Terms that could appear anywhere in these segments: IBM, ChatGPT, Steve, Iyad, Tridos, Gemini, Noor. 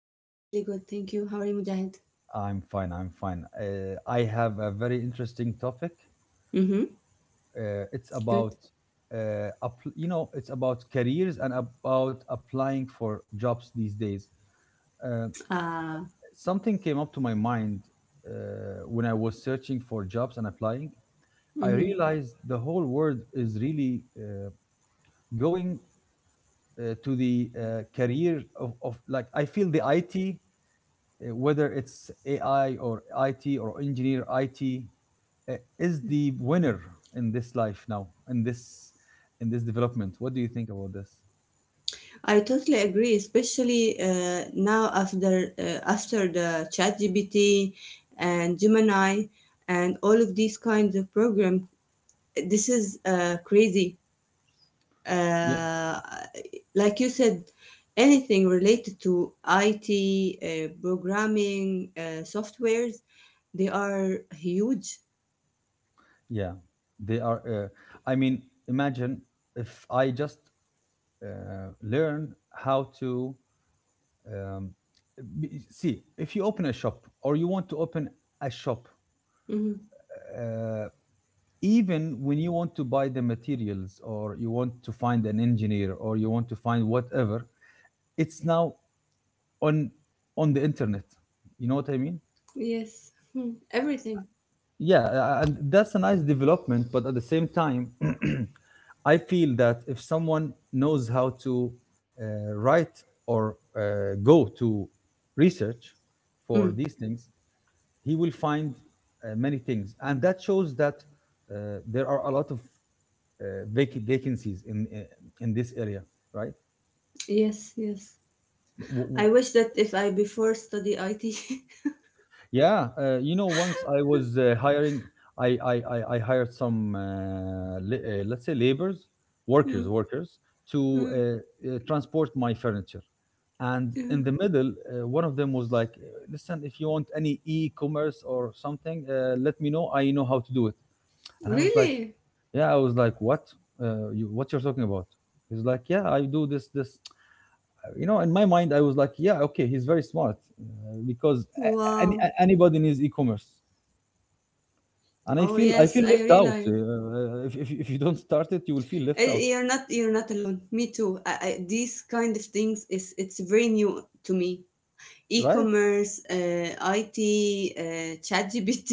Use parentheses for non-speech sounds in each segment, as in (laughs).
I'm really good, thank you. How are you, Mujahid? I'm fine. I'm fine. I have a very interesting topic. Mm-hmm. Uh, it's about, Good. It's about careers and about applying for jobs these days. Uh, Ah, Something came up to my mind uh, when I was searching for jobs and applying. I mm-hmm. realized the whole world is really going to the career of like I feel the IT whether it's AI or IT or engineer IT, is the winner in this life now, in this development. What do you think about this? I totally agree, especially now after the ChatGPT and Gemini and all of these kinds of program. This is crazy. Yeah. Uh, like you said, anything related to IT, programming, softwares, they are huge. Yeah, they are. I mean, imagine if I just uh, learn how to um, see if you open a shop or you want to open a shop. Mm-hmm. Uh, Even when you want to buy the materials or you want to find an engineer or you want to find whatever it's now on on the internet, you know what I mean? Yes. Hmm. Everything. Yeah, and that's a nice development, but at the same time (clears throat) I feel that if someone knows how to write or go to research for these things, he will find many things, and that shows that there are a lot of vacancies in this area, right? Yes, yes. W- I w- wish that if I before study IT. (laughs) Yeah, you know, once I was hiring, I hired some, let's say, laborers, workers, Mm, workers to mm, transport my furniture. And in mm. the middle, one of them was like, listen, if you want any e commerce or something, let me know. I know how to do it. (laughs) And I was like, Really? yeah, I was like, what? You, what you're talking about? He's like, yeah, I do this, this. You know, in my mind, I was like, yeah, okay, he's very smart because Wow. Anybody needs e-commerce, and i Oh feel i yes, feel I left out. realize. If you don't start it, you will feel left I- out, You're not you're not alone. Me too. These kind of things is it's very new to me. right? E-commerce, IT, ChatGPT,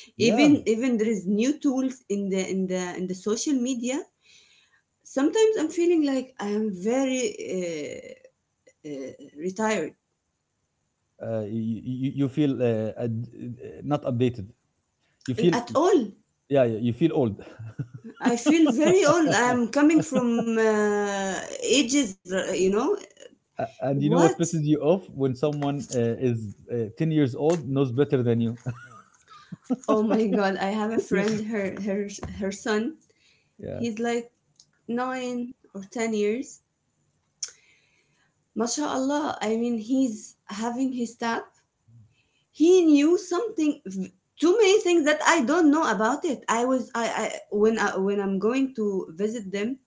(laughs) even Yeah, even there is new tools in the social media. Sometimes I'm feeling like I am very uh, retired you feel not updated, you and feel... at all. Yeah, yeah, you feel old. I feel very old. I'm coming from ages, you know. And you know what What? pisses you off? When someone is 10 years old knows better than you, Oh my God! I have (laughs) a you know? friend. Her her son. Yeah. He's like nine or ten years. MashaAllah. I mean, he's having his tap. He knew something. Too many things that I don't know about it. I was I when I'm going to visit them.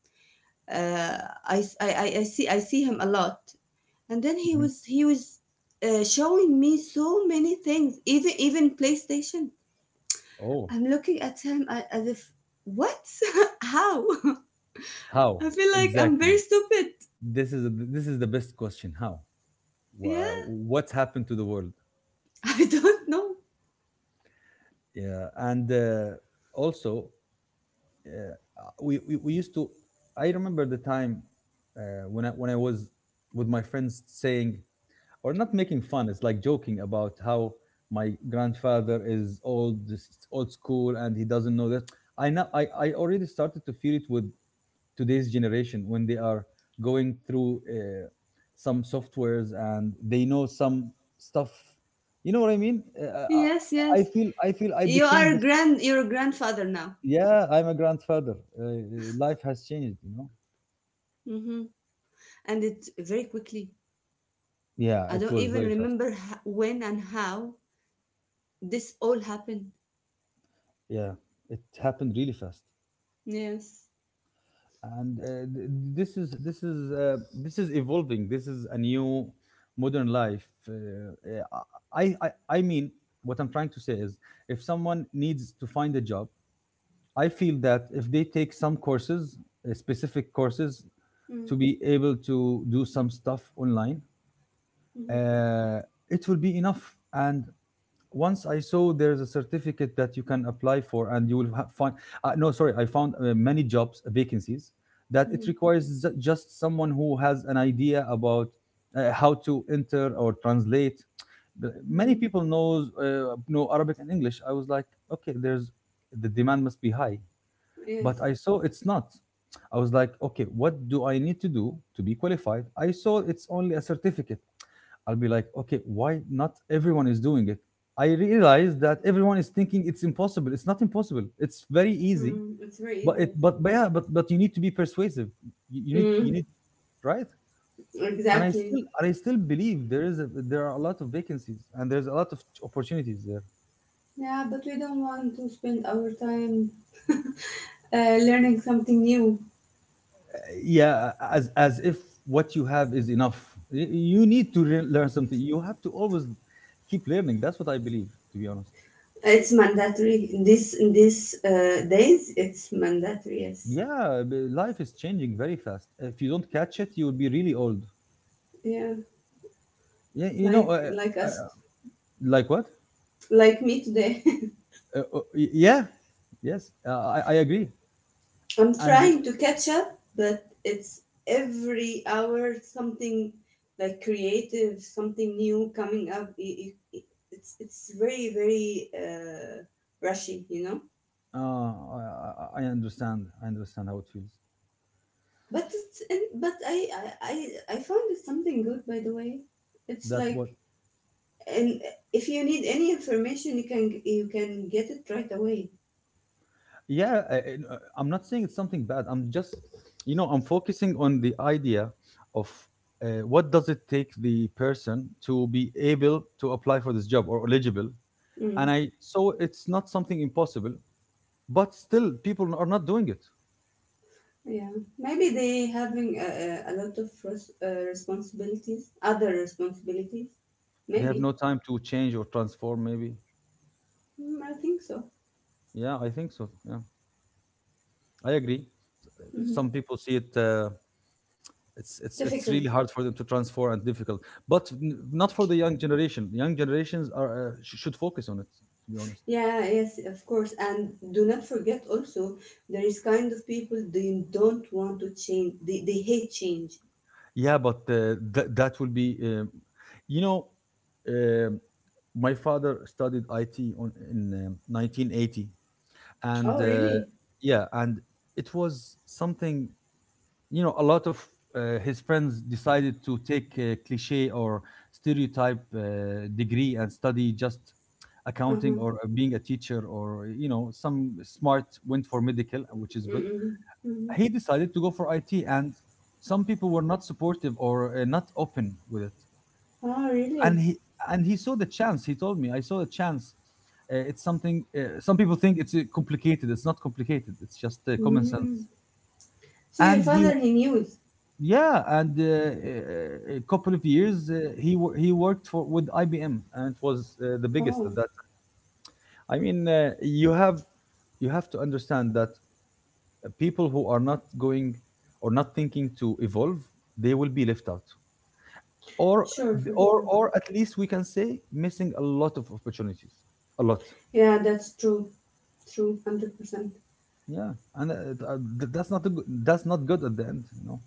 Uh, I see him a lot. And then he Mhm. was he was uh, showing me so many things, even playstation. Oh, I'm looking at him as if what. (laughs) How. (laughs) how? I feel like I'm very Exactly, stupid. this is the best question. How? Yeah. What's happened to the world? (laughs) I don't know. Yeah, and also, uh, we used to... I remember the time uh, when I was with my friends saying, or not making fun, it's like joking about how my grandfather is old, this old school, and he doesn't know that. I already started to feel it with today's generation when they are going through some softwares and they know some stuff, you know what I mean? uh, Yes, I, yes. I feel i feel I You became are this. grand you're a grandfather now. Yeah, I'm a grandfather. Life has changed, you know. Hmm. And it's very quickly. Yeah, I it don't was even very fast. remember when and how this all happened. Yeah, it happened really fast. Yes. And th- this is this is evolving. This is a new modern life. Uh, uh, I, I i mean, what I'm trying to say is if someone needs to find a job, I feel that if they take some courses, specific courses, Mm-hmm. to be able to do some stuff online, Mm-hmm. uh, it will be enough. And once I saw there's a certificate that you can apply for, and you will find no, sorry, I found many jobs, vacancies that it Mm-hmm. requires just someone who has an idea about how to enter or translate. Many Mm-hmm. people knows know Arabic and English. I was like, okay, there's... the demand must be high, but Yes. I saw it's not. I was like, okay, what do I need to do to be qualified? I saw it's only a certificate. I'll be like, okay, why not everyone is doing it? I realized that everyone is thinking it's impossible. It's not impossible. It's very easy. Mm, it's very But easy, it, yes. but, but yeah, but you need to be persuasive. You Mm. need, right? Exactly. And I still believe there is, there are a lot of vacancies and there's a lot of opportunities there. Yeah, but we don't want to spend our time learning something new. Yeah, as if what you have is enough. You need to learn something. You have to always keep learning. That's what I believe, to be honest. It's mandatory. This in these days, it's mandatory. Yes. Yeah, life is changing very fast. If you don't catch it, you will be really old. Yeah. Yeah, you know. Like like us, uh, like what? like me today. Yeah, yes, I agree. (laughs) I'm And trying to catch up, but it's every hour something like creative, something new coming up. I- it's very very uh, rushy, you know. I I understand, I understand how it feels. But I, I found it something good, by the way. It's That what? like. And if you need any information, you can get it right away. Yeah, I'm not saying it's something bad, I'm just, you know, I'm focusing on the idea of what does it take the person to be able to apply for this job or eligible. And Mm, I so it's not something impossible, but still people are not doing it. yeah, maybe they having a lot of responsibilities, other responsibilities. They have Maybe, no time to change or transform, maybe. mm, I think so. Yeah, I think so. Yeah, I agree. Mhm. Some people see it it's Difficult. really hard for them to transfer and difficult, but not for the young generation. Young generations are should focus on it. To be honest, Yeah, yes, of course. And do not forget also, there is kind of people they don't want to change. They hate change. yeah. But that will be, you know, um my father studied IT on in 1980, and Oh, really? yeah, and it was something, you know, a lot of his friends decided to take a cliche or stereotype degree and study just accounting Uh-huh. or being a teacher, or you know, some smart went for medical, which is good. Mm-mm. Mm-mm. He decided to go for IT, and some people were not supportive or not open with it. Oh, and really? he and he saw the chance. He told me I saw the chance. It's something some people think it's complicated. It's not complicated. It's just common sense. Mm. So your And he father, he knew it. Yeah, and a couple of years, he worked for with IBM, and it was the biggest Oh, at that. I mean, you have to understand that people who are not going or not thinking to evolve, they will be left out, or sure, for or sure. or at least we can say missing a lot of opportunities, a lot. Yeah, that's true. True, 100%. Yeah, and that's not a good, that's not good at the end, you know.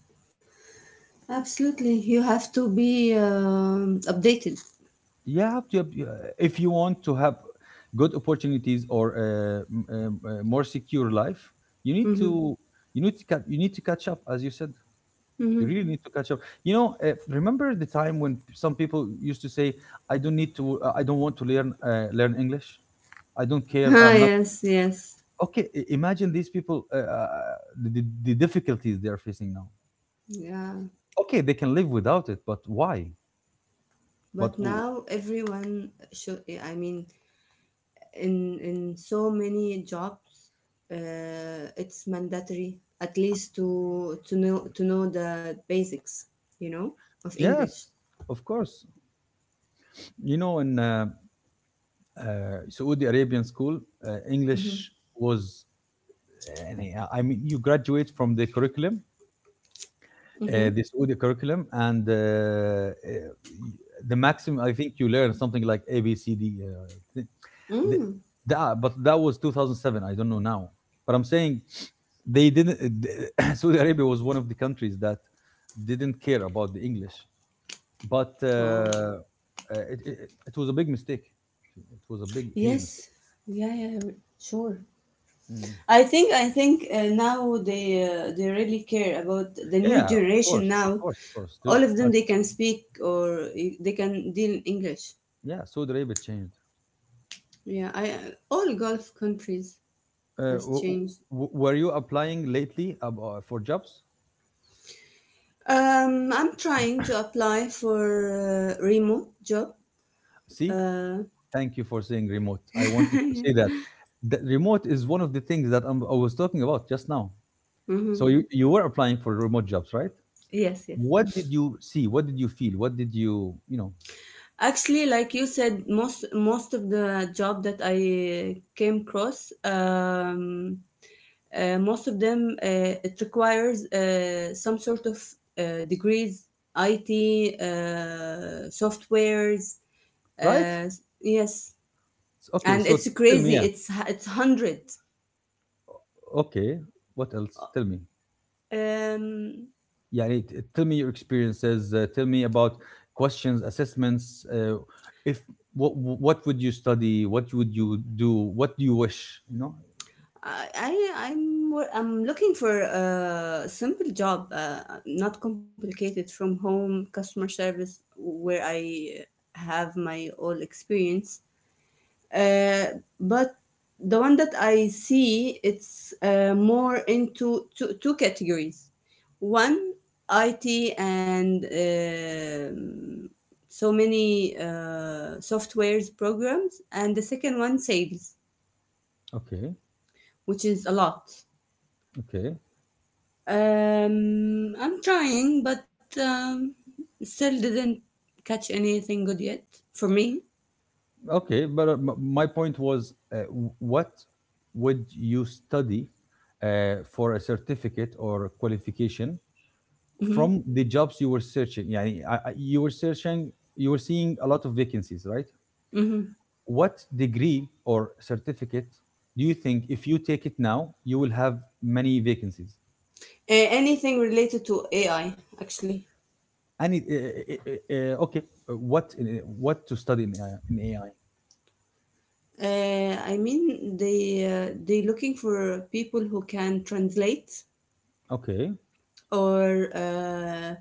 Absolutely. You have to be updated. You have to if you want to have good opportunities or more secure life, you need Mm-hmm. to... you need to cut you need to catch up, as you said. You Mm-hmm. really (laughs) need to catch up, you know. Remember the time when some people used to say, I don't need to I don't want to learn learn English, I don't care, Ah, I'm not... yes, yes. Okay, imagine these people, the difficulties they're facing now. Yeah. Okay, they can live without it, but why? but But w- now everyone should, I mean, in so many jobs, it's mandatory at least to know the basics, you know, of English. Yes, of course. You know, in uh, Saudi Arabian school, Mm-hmm. English was, and I mean, you graduate from the curriculum, Mm-hmm. The Saudi curriculum, and the maximum, I think you learn something like A, B, C, D. Th- th- Mm. that, but that was 2007. I don't know now. But I'm saying, they didn't, (coughs) (clears throat) Saudi Arabia was one of the countries that didn't care about the English. But, Oh, uh, it it it was a big mistake. It was a big, huge mistake. yes. Yeah, yeah, sure. Mm. I think now they really care about the new Yeah, of generation course, of now. course, of course. All There's of them has... they can speak or they can deal in English. Yeah, Saudi Arabia changed. Yeah, I all Gulf countries has W changed. w were you applying lately ab for jobs? I'm trying to apply for remote job. See, Uh, thank you for saying remote. I (laughs) wanted to say yeah. that. The remote is one of the things that I was talking about just now. So Mm-hmm. you were applying for remote jobs, right? Yes, yes. What did you see? What did you feel? What did you, you know... Actually, like you said, most of the job that I came across, most of them it requires some sort of degrees, IT, softwares. Right? Uh, yes, Okay, and so it's tell me, crazy. yeah. It's hundred. Okay, what else? Tell me. Um, Yeah. t- tell me your experiences. Tell me about questions, assessments. If what what would you study? What would you do? What do you wish? You know. I'm I'm looking for a simple job, not complicated, from home customer service where I have my all experience. Uh, but the one that I see, it's more into two, two categories. One, IT and so many softwares programs, and the second one, sales, Okay, which is a lot. okay, I'm trying, but still didn't catch anything good yet for me. okay. But my point was, what would you study for a certificate or a qualification Hmm. from the jobs you were searching? Yeah, you were searching. You were seeing a lot of vacancies, right? Hmm. What degree or certificate do you think if you take it now you will have many vacancies? Anything related to AI, actually. And okay, what what to study in AI? I mean, they looking for people who can translate Okay, or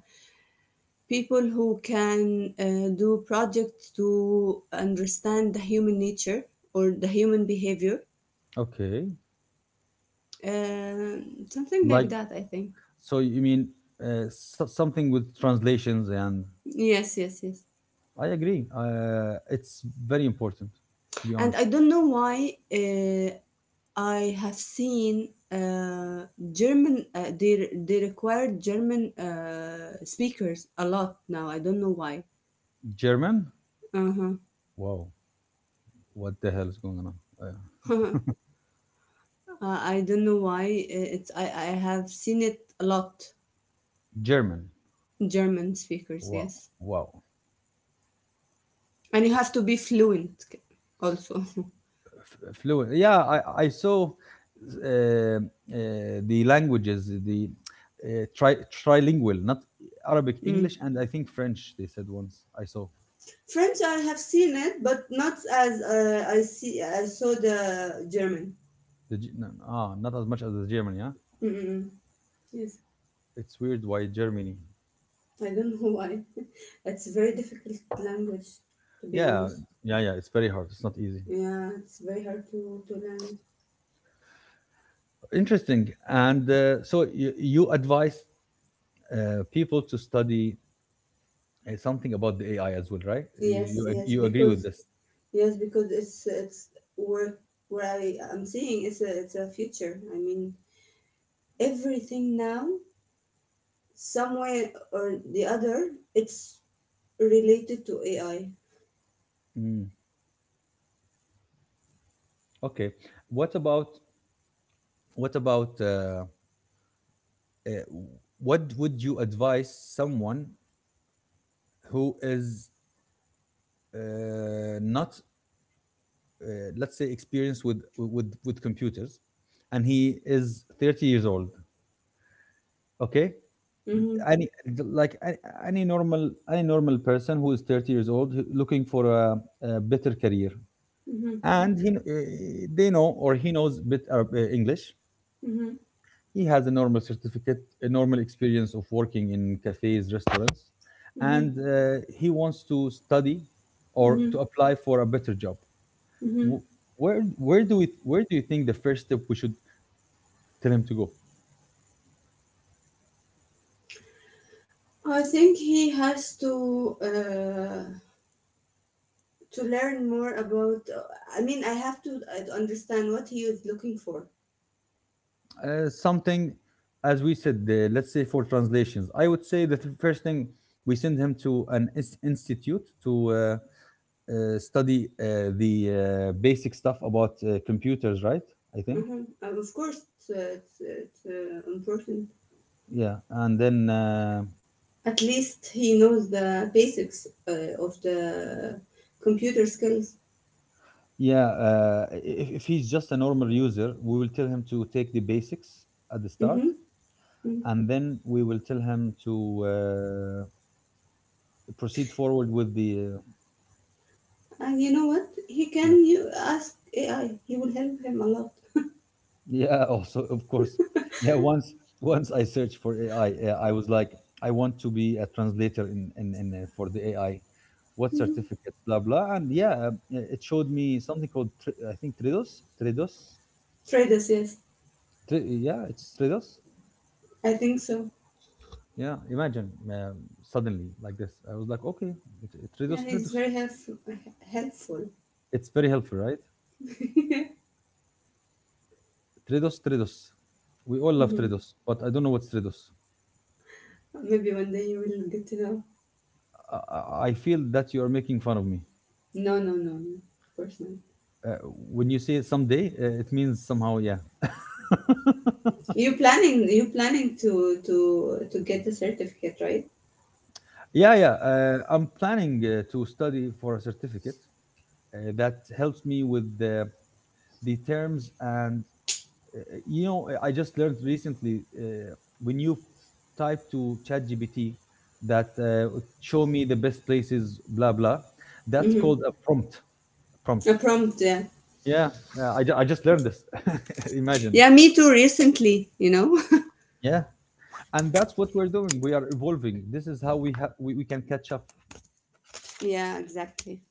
people who can do projects to understand the human nature or the human behavior. okay. Uh, something Like, like that, I think. so you mean, something with translations and Yes, yes, yes. I agree, it's very important, to be And honest. I don't know why I have seen German. They require German speakers a lot now. I don't know why. German? Uh-huh. Wow, what the hell is going on? uh, (laughs) Uh, I don't know why. It's I have seen it a lot. German? German speakers, Wow. yes, Wow. and you have It to be fluent also. (laughs) Fluent. Yeah, I saw uh, uh, the languages, the trilingual, not Arabic, Mm. English, and I think French. They said once I saw. French, I have seen it, but not as I see. I saw the German. No, no, ah, not as much as the German. Yeah, Mm-mm. Yes. it's weird, why Germany. I don't know why. (laughs) It's very difficult language, to be Yeah, honest. yeah, yeah. It's very hard. It's not easy. Yeah, it's very hard to learn. Interesting. And so you advise people to study something about the AI as well, right? Yes, You agree with this? yes, because it's where where I am seeing it's a future. I mean, everything now, some way or the other, it's related to AI. Mm, okay. What about, what about uh, what would you advise someone who is not, uh, let's say, experienced with computers, and he is 30 years old, okay? Mhm, Any, like a- any normal, any normal person who is 30 years old who- looking for a better career, mhm, and they know, or he knows bit English. mhm, He has a normal certificate, a normal experience of working in cafes, restaurants, and mhm, he wants to study or to mhm, apply for a better job. mhm. Wh- where do you think the first step we should tell him to go? I think he has to. To learn more about I mean I have to understand what he is looking for. Something, as we said, the, let's say for translations. I would say that the first thing, we send him to an institute to study the basic stuff about computers, right? I think. Mhm. Of course it's, it's important, Yeah, and then at least he knows the basics of the computer skills. yeah, if he's just a normal user, we will tell him to take the basics at the start, Hmm. and then we will tell him to proceed forward with the And you know what, he yeah, can you ask AI, he will help him a lot. yeah. (laughs) Also, of course. Yeah, once, once I search for AI, I was like, I want to be a translator in for the AI. What Mhm. certificate? Blah blah. And yeah, it showed me something called I think Tridos, Tridos. Traders, yes, Yeah, it's Tridos. I think so. Yeah, imagine suddenly like this. I was like, okay, Yeah, Tridos, he's Tridos. very helpful, helpful. It's very helpful, right? (laughs) Tridos, Tridos. We all love Mhm. Tridos, but I don't know what's Tridos. Maybe one day you will get to know. I feel that you are making fun of me. No, no, no, no. Of course not. Uh, when you say someday, it means somehow, yeah. You planning, you planning to get a certificate, right? Yeah, yeah. I'm planning to study for a certificate that helps me with the terms and Uh, you know, I just learned recently when you type to ChatGPT that, show me the best places, blah blah. That's called Hmm. a prompt. A Prompt. prompt, yeah. Yeah, yeah, I just learned this. (laughs) Imagine. Yeah, me too. Recently, you know. Yeah, and that's what we're doing. We are evolving. This is how we can catch up. (laughs) Yeah, exactly.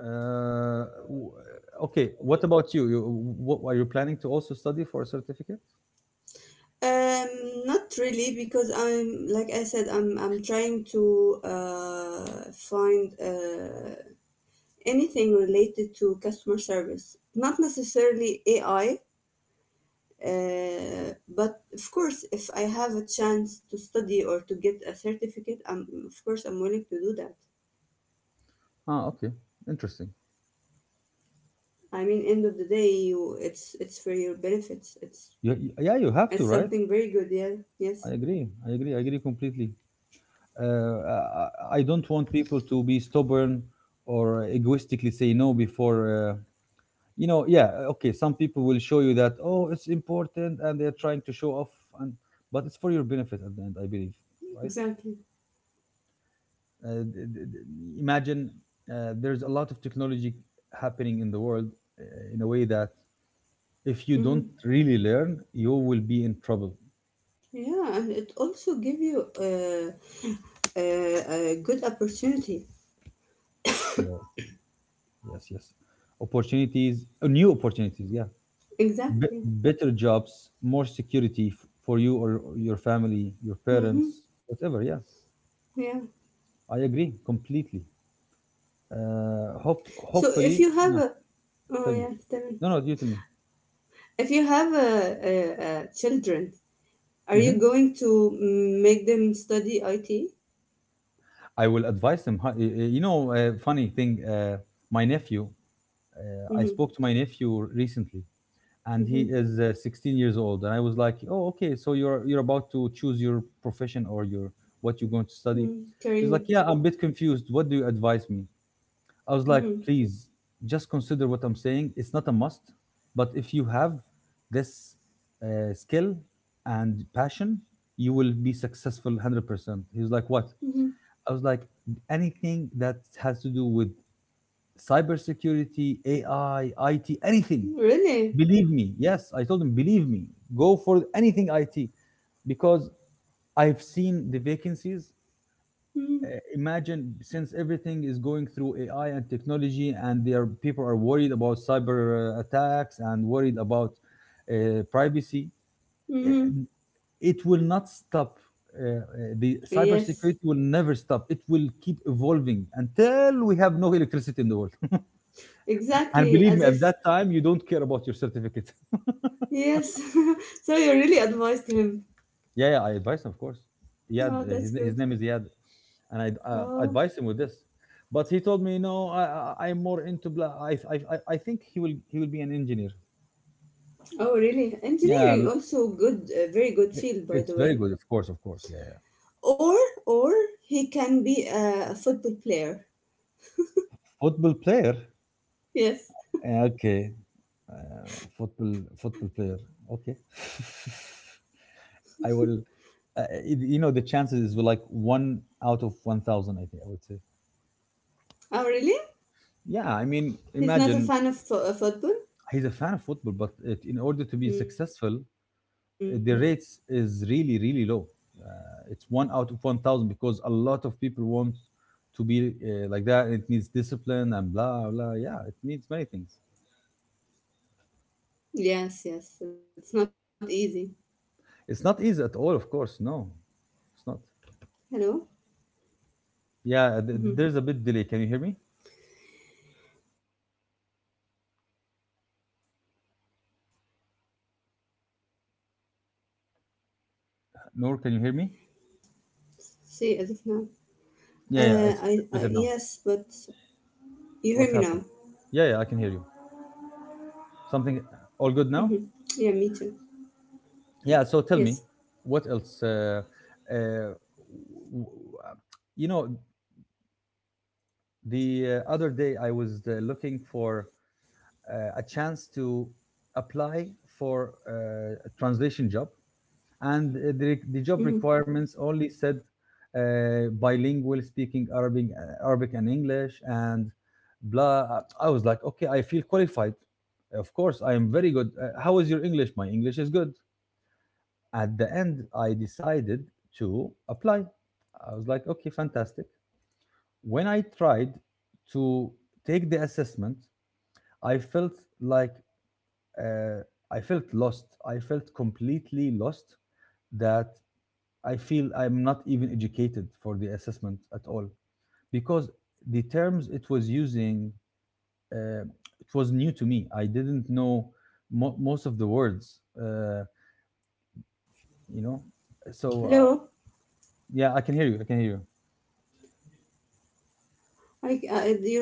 Uh, w- okay, what about you? You, what, are you planning to also study for a certificate? Not really because I'm like I said, I'm trying to uh find anything related to customer service. Not necessarily AI. But of course, if I have a chance to study or to get a certificate, I'm of course I'm willing to do that. Ah, okay, interesting. I mean, end of the day, you it's for your benefits. Yeah, you have to, It's right? something very good. Yeah. I Yes. agree. I agree. I agree completely. I don't want people to be stubborn or egoistically say no before. You know, yeah, okay. Some people will show you that, oh, it's important, and they're trying to show off, and but it's for your benefit at the end, I believe, right? Exactly. Imagine, there's a lot of technology happening in the world in a way that if you don't Hmm. really learn, you will be in trouble. Yeah, and it also give you a, a good opportunity. Yeah. Yes. Yes. Opportunities, new opportunities. Yeah, Exactly. better jobs, more security for you or your family, your parents, Hmm. whatever. Yeah, Yeah. I agree completely. So if Hopefully, you have no, a, oh tell me. yeah, tell me. No, no, you tell me. If you have a children, are Hmm. you going to mm, make them study IT? I will advise them. Huh, you know, funny thing, my nephew, I Mm-hmm. spoke to my nephew recently, and he Mm-hmm. is 16 years old. And I was like, oh, okay, so you're about to choose your profession or your, what you're going to study. Mm, career. He's like, yeah, I'm a bit confused. What do you advise me? I was like, Mm-hmm. please just consider what I'm saying. It's not a must, but if you have this skill and passion, you will be successful 100%. He was like, what? Mm-hmm. I was like, anything that has to do with cybersecurity, AI, IT, anything. Really? Believe me. Yes, I told him, believe me. Go for anything IT because I've seen the vacancies, uh, imagine, since everything is going through AI and technology, and there people are worried about cyber attacks and worried about privacy. uh, Mm-hmm. It will not stop. The Yes. cybersecurity will never stop. It will keep evolving until we have no electricity in the world. (laughs) And Exactly, believe as me, at if that time, you don't care about your certificate. (laughs) yes. (laughs) So you really advised him. Yeah, yeah, I advise him, of course. Iyad, Oh, that's his good. name is Yad. And I Oh, advised him with this. But he told me, no, I'm more into, I think he will be an engineer. oh, really? Yeah, Engineering also good, very good field, by it's the very way. good, of course, of course. Yeah, yeah. Or, or he can be a football player. Football player? Yes. Yeah, okay. Uh, Football, football player. Okay. (laughs) I will, you know, the chances is like one out of 1,000, I think I would say. Oh, really? Yeah, I mean, He's not imagine, a fan of football. he's a fan of football, but it, in order to be Hmm. successful, the rates is really really low, it's one out of 1,000 because a lot of people want to be like that. It needs discipline and blah blah. Yeah, it needs many things. Yes, yes. It's not easy. It's not easy at all, of course. Hello. No, it's not. Hmm. Yeah, there's a bit delay, can you hear me? Yes, I hear you. But sometimes your voice is breaking out. Nor, can you hear me? See, as if now. Yeah, I, yeah, it's better yes, now. but you hear me now. What happened? Yeah, yeah, I can hear you. Something. All good Mm-hmm. now. Yeah, me too. Yeah, so Yes. tell me, what else? Uh, w- w- uh, you know, the other day, I was looking for a chance to apply for a translation job, and the job requirements Mm-hmm. only said bilingual speaking Arabic, Arabic and English, and blah. I was like, okay, I feel qualified. Of course, I am very good. How is your English? My English Mm-hmm. is good. At the end, I decided Mm-hmm. to apply. I was like, okay, fantastic. When I tried to take the assessment, I felt like, uh, I felt lost. I felt completely lost, that I feel I'm not even educated for the assessment at Hello. all, because the terms it was using, I uh, can't hear it you. was new to me. I didn't know most of the words, uh, you know. So Hello. yeah, I can hear you. I can hear you.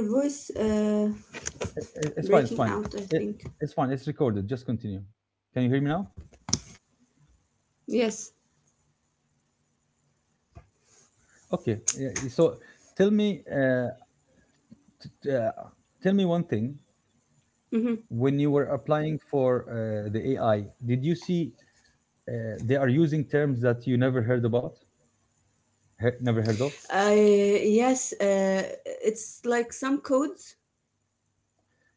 I, your voice It's fine. It's fine. It, breaking it's out, I fine. It's think. recorded. Just continue. Can you hear me now? Yes. Okay, yeah, so tell me, t- t- uh, tell me one thing. When you Mm-hmm. were applying for the AI, did you see uh, they are using terms that you never heard about, never heard of? Yes, it's like some codes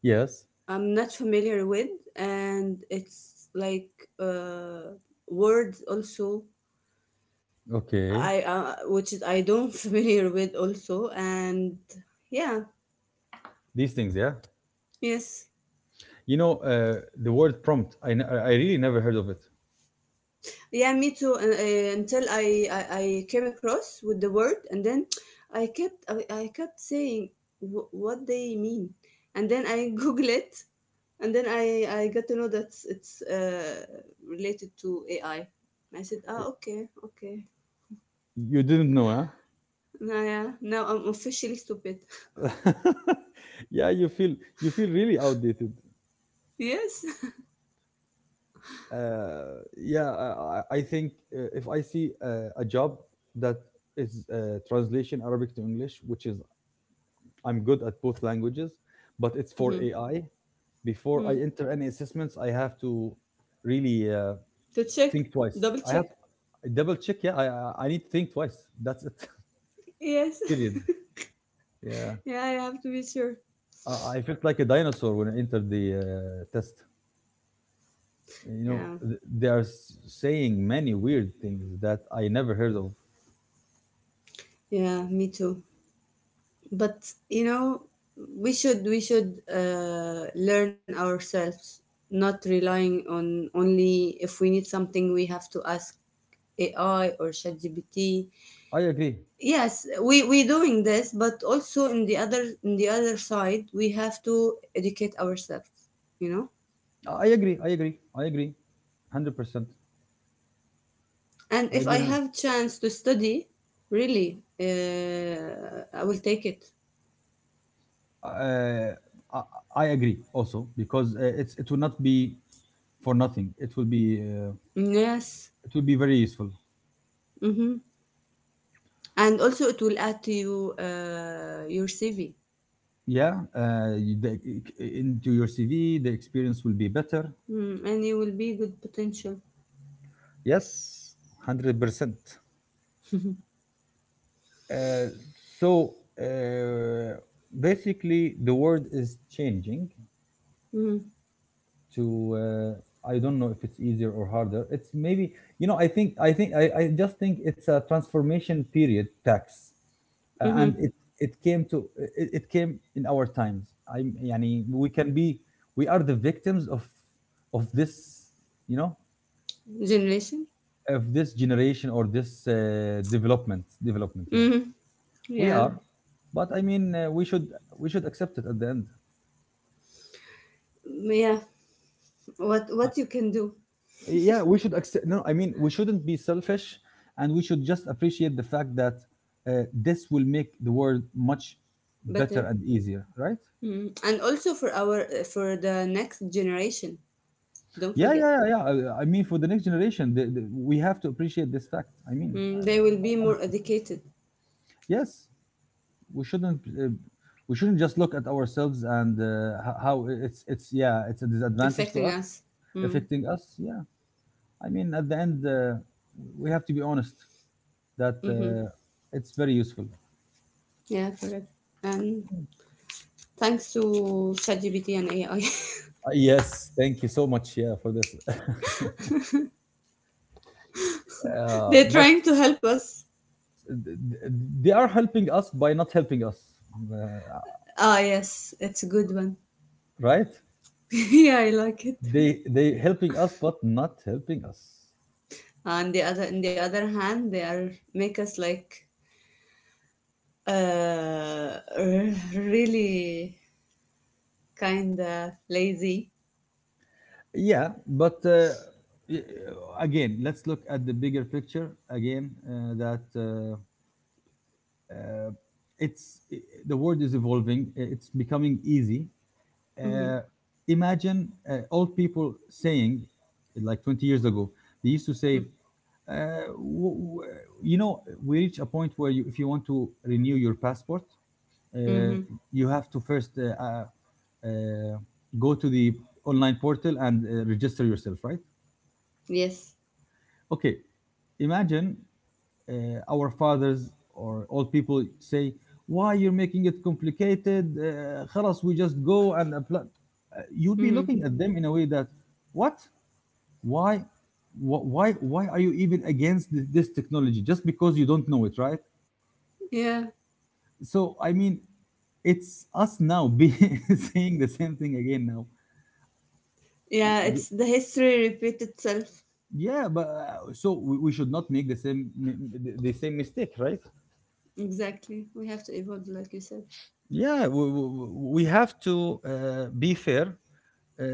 Yes. I'm not familiar with, and it's like uh, words also. Okay. I which is I don't (laughs) familiar with also, and yeah, These things, yeah. yes. You know, the word prompt. I really never heard of it. Yeah, me too. Until I came across with the word, and then I kept saying, "Wh- what they mean," and then I (laughs) Google it, and then I got to know that it's related to AI. I said, ah, okay, okay. You didn't know, Now, yeah, now I'm officially stupid. huh? (laughs) Yeah, you feel, you feel really outdated. (laughs) Yes. Yeah, I think if I see a job that is translation Arabic to English, which is, I'm good at both languages, but it's for (laughs) Hmm. AI. Before I enter Hmm. any assessments, I have to really To check, think twice. double I have check. double check. Yeah, I need to think twice. That's it. (laughs) Yes. Period. Yeah, (laughs) Yeah, I have to be sure. I felt like a dinosaur when I entered the test. You know, Yeah, they are saying many weird things that I never heard of. yeah, me too. But you know, we should learn ourselves, not relying on only. If we need something, we have to ask AI or ChatGPT. I agree. Yes, we doing this, but also in the other, in the other side, we have to educate ourselves, you know. Oh, I agree. I agree. I agree. 100%. And I if agree. I have chance to study, really, I will take it. Uh, uh, I agree also because it's, it will not be for nothing. Yes. It will be very useful. Mm-hmm. And also it will add to you your CV. Yeah, into your CV, the experience will be better. Mm, and you will be good potential. Yes, 100%. Uh, so uh, basically, the world is changing Mhm. to, I don't know if it's easier or harder. It's maybe, you know, I just think it's a transformation period tax, and Mhm. it came to, it came in our times. I yani, we can be, we are the victims of this, you know, Generation. of this generation or this development, yeah. Mhm. We Yeah. are, but I mean, we should accept it at the end. Mm, yeah. What you can do Yeah, we should accept, no, I mean, we shouldn't be selfish, and we should just appreciate the fact that this will make the world much better better. and easier, right? Mm. And also for our for the next generation. Don't Yeah, forget. yeah, yeah, yeah. I mean, for the next generation, we have to appreciate this fact. Mm, they will be more educated, Yes, we shouldn't uh, we shouldn't just look at ourselves and how it's, yeah, it's a disadvantage to affecting us, us. Mm. affecting us, yeah. I mean, at the end, we have to be honest that Mm-hmm. It's very useful. Yeah, correct. And thanks to ChatGPT and AI, (laughs) Yes, thank you so much, yeah, for this. (laughs) They're But trying to help us. th- th- they are helping us by not helping us, uh, Ah, yes, it's a good one. right? (laughs) Yeah, I like it. They helping us but not helping us. On the other, in the other hand, they are make us like really kind of lazy. Yeah, but again, let's look at the bigger picture again. Uh, the world is evolving. It's becoming easy. Mm-hmm. Uh, Imagine old people saying, like 20 years ago, they used to say, uh, w- w- you know, we reach a point where, you, if you want to renew your passport, uh, Mm-hmm. you have to first uh, go to the online portal and register yourself, right? Yes. Okay, imagine our fathers or old people say, why you're making it complicated? خلاص, we just go and apply. You'd be Mm-hmm. looking at them in a way that, what? Why, why are you even against this technology just because you don't know it, right? Yeah. So I mean, it's us now be (laughs) saying the same thing again now. Y- Yeah. It's y- the history repeat itself. Yeah, but so we should not make the same the same mistake, right? Exactly. We have to evolve, like you said. Yeah, we have to be fair. Uh, uh,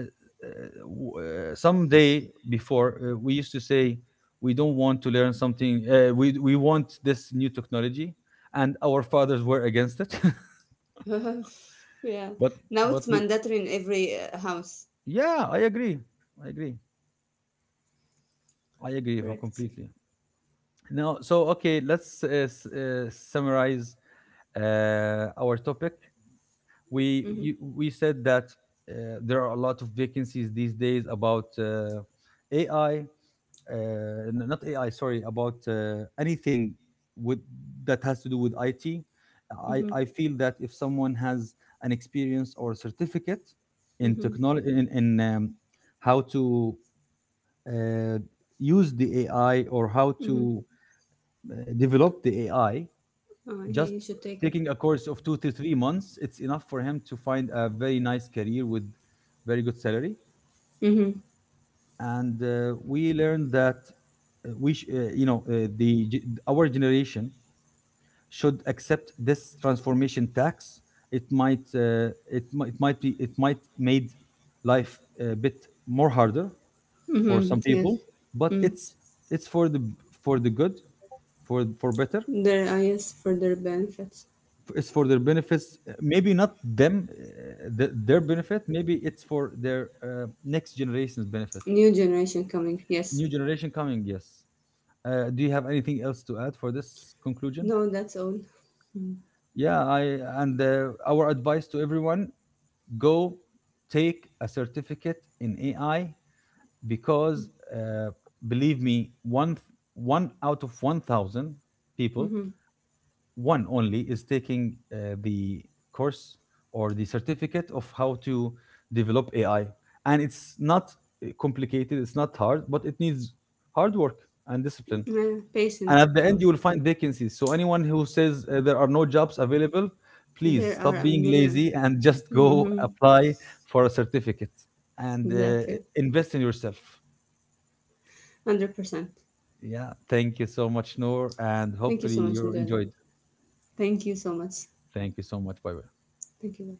some day before, we used to say we don't want to learn something. We want this new technology, and our fathers were against it. (laughs) (laughs) Yeah. But Now it's but we mandatory in every house. yeah, I agree. I agree. I agree from Correct. completely. Now, so okay, let's summarize our topic. Mm-hmm. We said that there are a lot of vacancies these days about AI, not AI, sorry, about anything with that has to do with IT. I, Mm-hmm. I feel that if someone has an experience or certificate in Mm-hmm. technology, in how to uh, use the AI or how Mm-hmm. to develop the AI, just He should take it. taking a course of 2 to 3 months, it's enough for him to find a very nice career with very good salary. Mm-hmm. And we learned that we, sh- you know, the ge- our generation should accept this transformation tax. It might, it might be, it might made life a bit more harder for Mm-hmm. some Yes. people, but it's for the, for the good. For better, Their eyes for their benefits. it's for their benefits. Maybe not them, their benefit. Maybe it's for their next generation's benefit. New generation coming, yes. New generation coming. Yes. Do you have anything else to add for this conclusion? No, that's all. Mm-hmm. Yeah. I And our advice to everyone: go take a certificate in AI, because uh, believe me, one out of 1,000 people, Mm-hmm. one only is taking the course or the certificate of how to develop AI. And it's not complicated, it's not hard, but it needs hard work and discipline. Yeah, And patient at the end, also. you will find vacancies. So, anyone who says there are no jobs available, please There are a stop being 1,000,000. lazy and (laughs) just go Mm-hmm. apply for a certificate and Exactly. invest in yourself. 100%. Yeah, thank you so much, Noor, and Thank you hopefully so much, you Mujahid. enjoyed. Thank you so much. Thank you so much. Bye bye. Thank you.